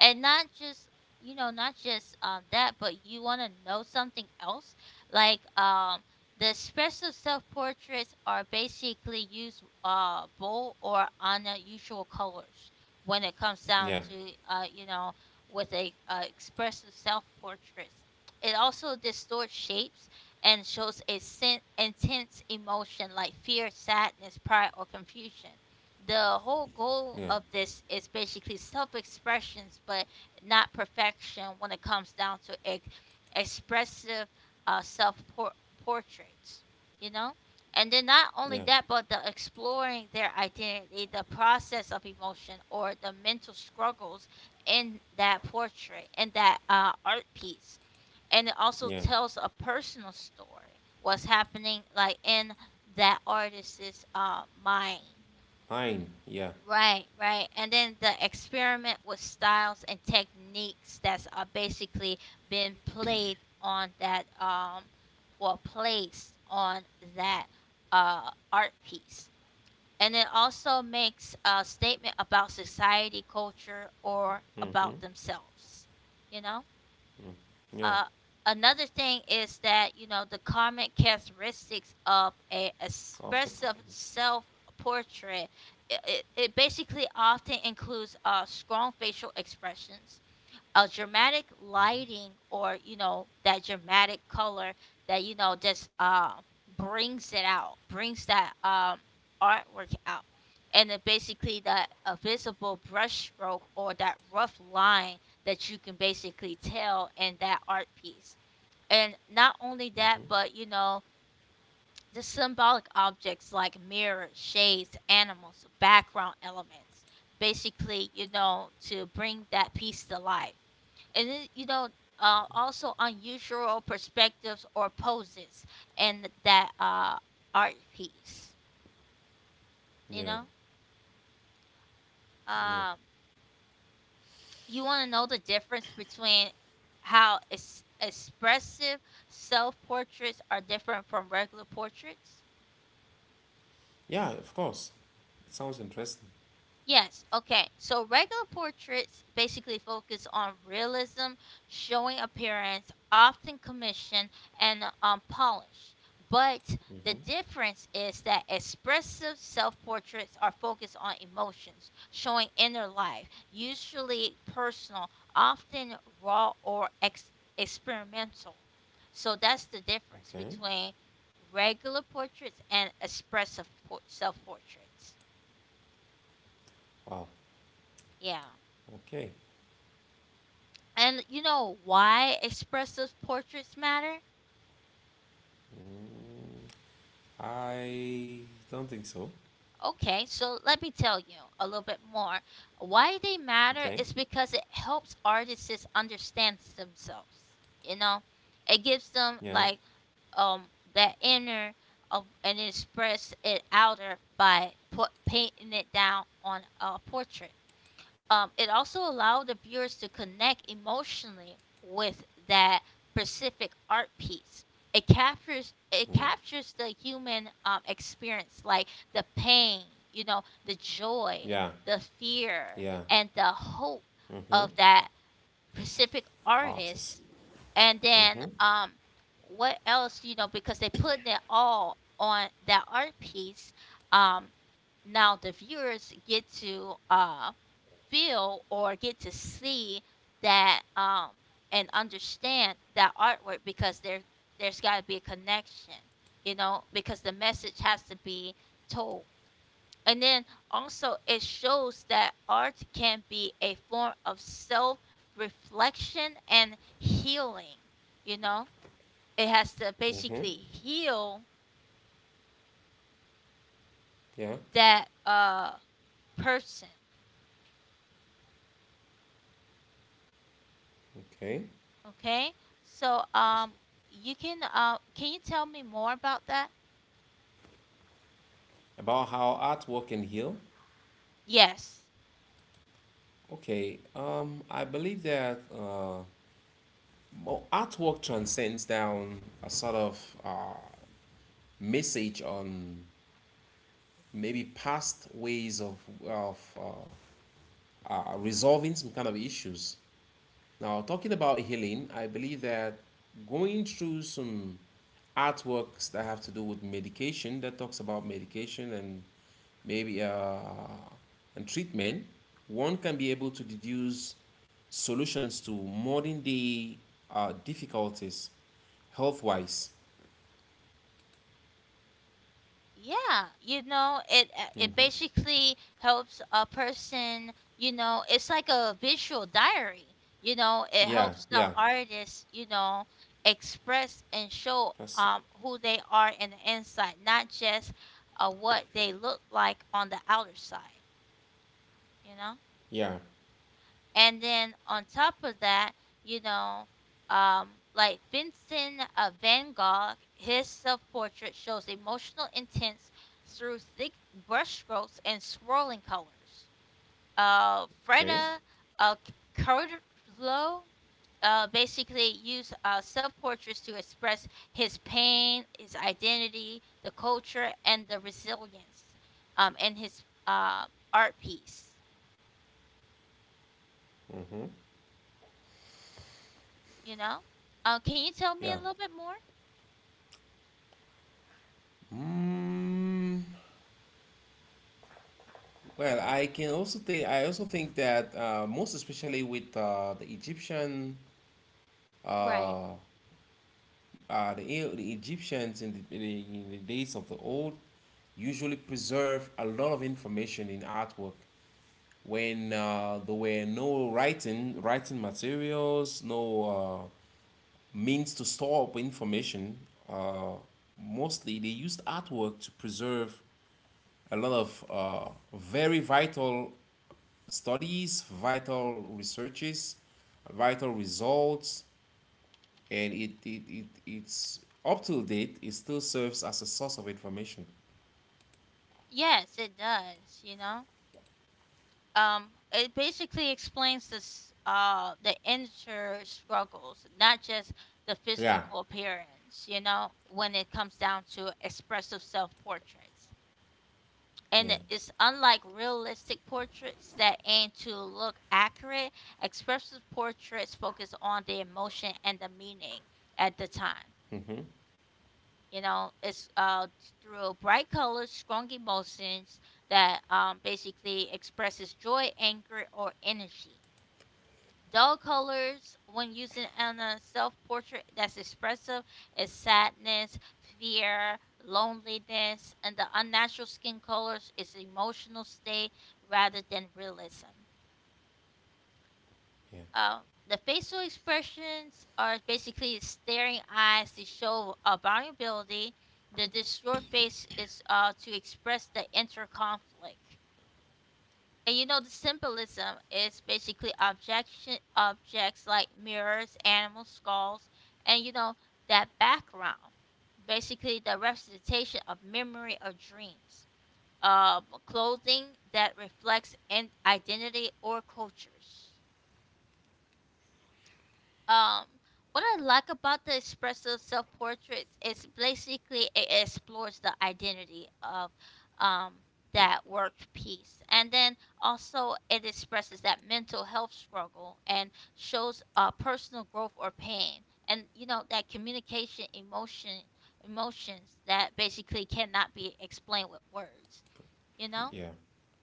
Speaker 1: And not just that, but you wanna know something else. Like the expressive self portraits are basically use bold or unusual colors when it comes down
Speaker 2: Yeah.
Speaker 1: to with a expressive self portraits. It also distorts shapes and shows a intense emotion like fear, sadness, pride, or confusion. The whole goal
Speaker 2: Yeah.
Speaker 1: of this is basically self expressions, but not perfection when it comes down to expressive self portraits, you know? And then not only
Speaker 2: Yeah.
Speaker 1: that, but the exploring their identity, the process of emotion, or the mental struggles in that portrait, in that art piece. And it also
Speaker 2: Yeah.
Speaker 1: tells a personal story, what's happening like in that artist's mind.
Speaker 2: Fine. Yeah.
Speaker 1: Right, right. And then the experiment with styles and techniques that's basically been played on that, or placed on that art piece. And it also makes a statement about society, culture, or about themselves you know
Speaker 2: Yeah.
Speaker 1: uh, another thing is that the common characteristics of a
Speaker 2: Of the
Speaker 1: expressive self portrait, it basically often includes strong facial expressions, a dramatic lighting, or you know, that dramatic color that just brings it out, brings that artwork out. And then basically that a visible brush stroke or that rough line that you can basically tell in that art piece. And not only that, but the symbolic objects like mirrors, shades, animals, background elements, basically, to bring that piece to life. And then, also unusual perspectives or poses in that art piece, you
Speaker 2: yeah.
Speaker 1: know?
Speaker 2: Yeah.
Speaker 1: Um, you want to know the difference between how expressive self portraits are different from regular portraits?
Speaker 2: Yeah, of course, it sounds interesting.
Speaker 1: Yes. Okay. So regular portraits basically focus on realism, showing appearance, often commission, and polish. But the difference is that expressive self portraits are focused on emotions, showing inner life, usually personal, often raw or experimental. So that's the difference
Speaker 2: Okay.
Speaker 1: between regular portraits and expressive self portraits.
Speaker 2: Wow.
Speaker 1: Yeah.
Speaker 2: Okay.
Speaker 1: And you know why expressive portraits matter?
Speaker 2: Mm, I don't think so.
Speaker 1: Okay, so let me tell you a little bit more. Why they matter
Speaker 2: Okay.
Speaker 1: is because it helps artists just understand themselves. You know, it gives them
Speaker 2: Yeah.
Speaker 1: like um that inner of, and express it outer by painting it down on a portrait. It also allowed the viewers to connect emotionally with that specific art piece. It captures it
Speaker 2: Mm.
Speaker 1: captures the human experience, like the pain, the joy,
Speaker 2: Yeah.
Speaker 1: the fear,
Speaker 2: Yeah.
Speaker 1: and the hope of that specific
Speaker 2: Artists.
Speaker 1: artist. And then, what else, because they put it all on that art piece. Um, now the viewers get to feel or get to see that and understand that artwork because there's got to be a connection, because the message has to be told. And then also it shows that art can be a form of self reflection and healing, you know it has to
Speaker 2: Mm-hmm.
Speaker 1: basically heal
Speaker 2: Yeah.
Speaker 1: that person.
Speaker 2: Okay.
Speaker 1: Okay. So,
Speaker 2: It's
Speaker 1: you can you tell me more about that?
Speaker 2: about how artwork can heal.
Speaker 1: Yes.
Speaker 2: Okay. I believe that well, artwork transcends down a sort of message on maybe past ways of of uh, resolving some kind of issues. Now, talking about healing, I believe that going through some artworks that have to do with medication, that talks about medication and maybe and treatment, one can be able to deduce solutions to modern day difficulties, health wise.
Speaker 1: Yeah, it basically helps a person, it's like a visual diary. It
Speaker 2: Yeah,
Speaker 1: helps the
Speaker 2: yeah.
Speaker 1: artist, express and show
Speaker 2: That's,
Speaker 1: who they are in the inside, not just what they look like on the outer side, you know?
Speaker 2: yeah.
Speaker 1: And then on top of that, you know, like Vincent Van Gogh, his self portrait shows emotional intents through thick brushstrokes and swirling colors.
Speaker 2: Okay.
Speaker 1: Freda uh, Kahlo basically used self portraits to express his pain, his identity, the culture, and the resilience, in his art piece, you know? Can you tell me a
Speaker 2: Yeah.
Speaker 1: little bit more?
Speaker 2: Mm, well, I can also think. I also think that most especially with the Egyptian,
Speaker 1: Right.
Speaker 2: uh, the Egyptians in the, in the in the days of the old, usually preserve a lot of information in artwork. When there were no writing materials, no uh, means to store up information, uh, mostly they used artwork to preserve a lot of very vital studies, vital researches, vital results, and it's up to date. It still serves as a source of information.
Speaker 1: Yes, it does, you know? It basically explains this the inner struggles, not just the
Speaker 2: Yeah,
Speaker 1: physical appearance, when it comes down to expressive self-portraits.
Speaker 2: yeah,
Speaker 1: And it's unlike realistic portraits that aim to look accurate, expressive portraits focus on the emotion and the meaning at the time.
Speaker 2: mm-hmm,
Speaker 1: It's through bright colors, strong emotions that basically expresses joy, anger, or energy. Dull colors, when used in on a self-portrait that's expressive, is sadness, fear, loneliness, and the unnatural skin colors is emotional state rather than realism.
Speaker 2: yeah,
Speaker 1: Um, the facial expressions are basically staring eyes to show vulnerability. The distraught face is to express the inner conflict. And the symbolism is basically objection objects like mirrors, animal skulls, and that background. Basically, the representation of memory or dreams. Clothing that reflects in identity or cultures. Um, what I like about the espresso self portraits is basically it explores the identity of um that work piece, and then also it expresses that mental health struggle and shows personal growth or pain, and that communication emotions that basically cannot be explained with words. You know.
Speaker 2: yeah.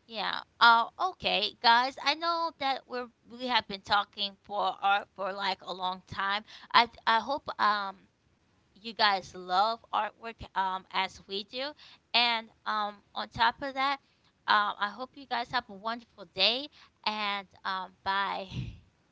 Speaker 1: Yeah. Okay, guys. I know that we have been talking for art for like a long time. I hope you guys love artwork as we do, and on top of that, I hope you guys have a wonderful day and bye.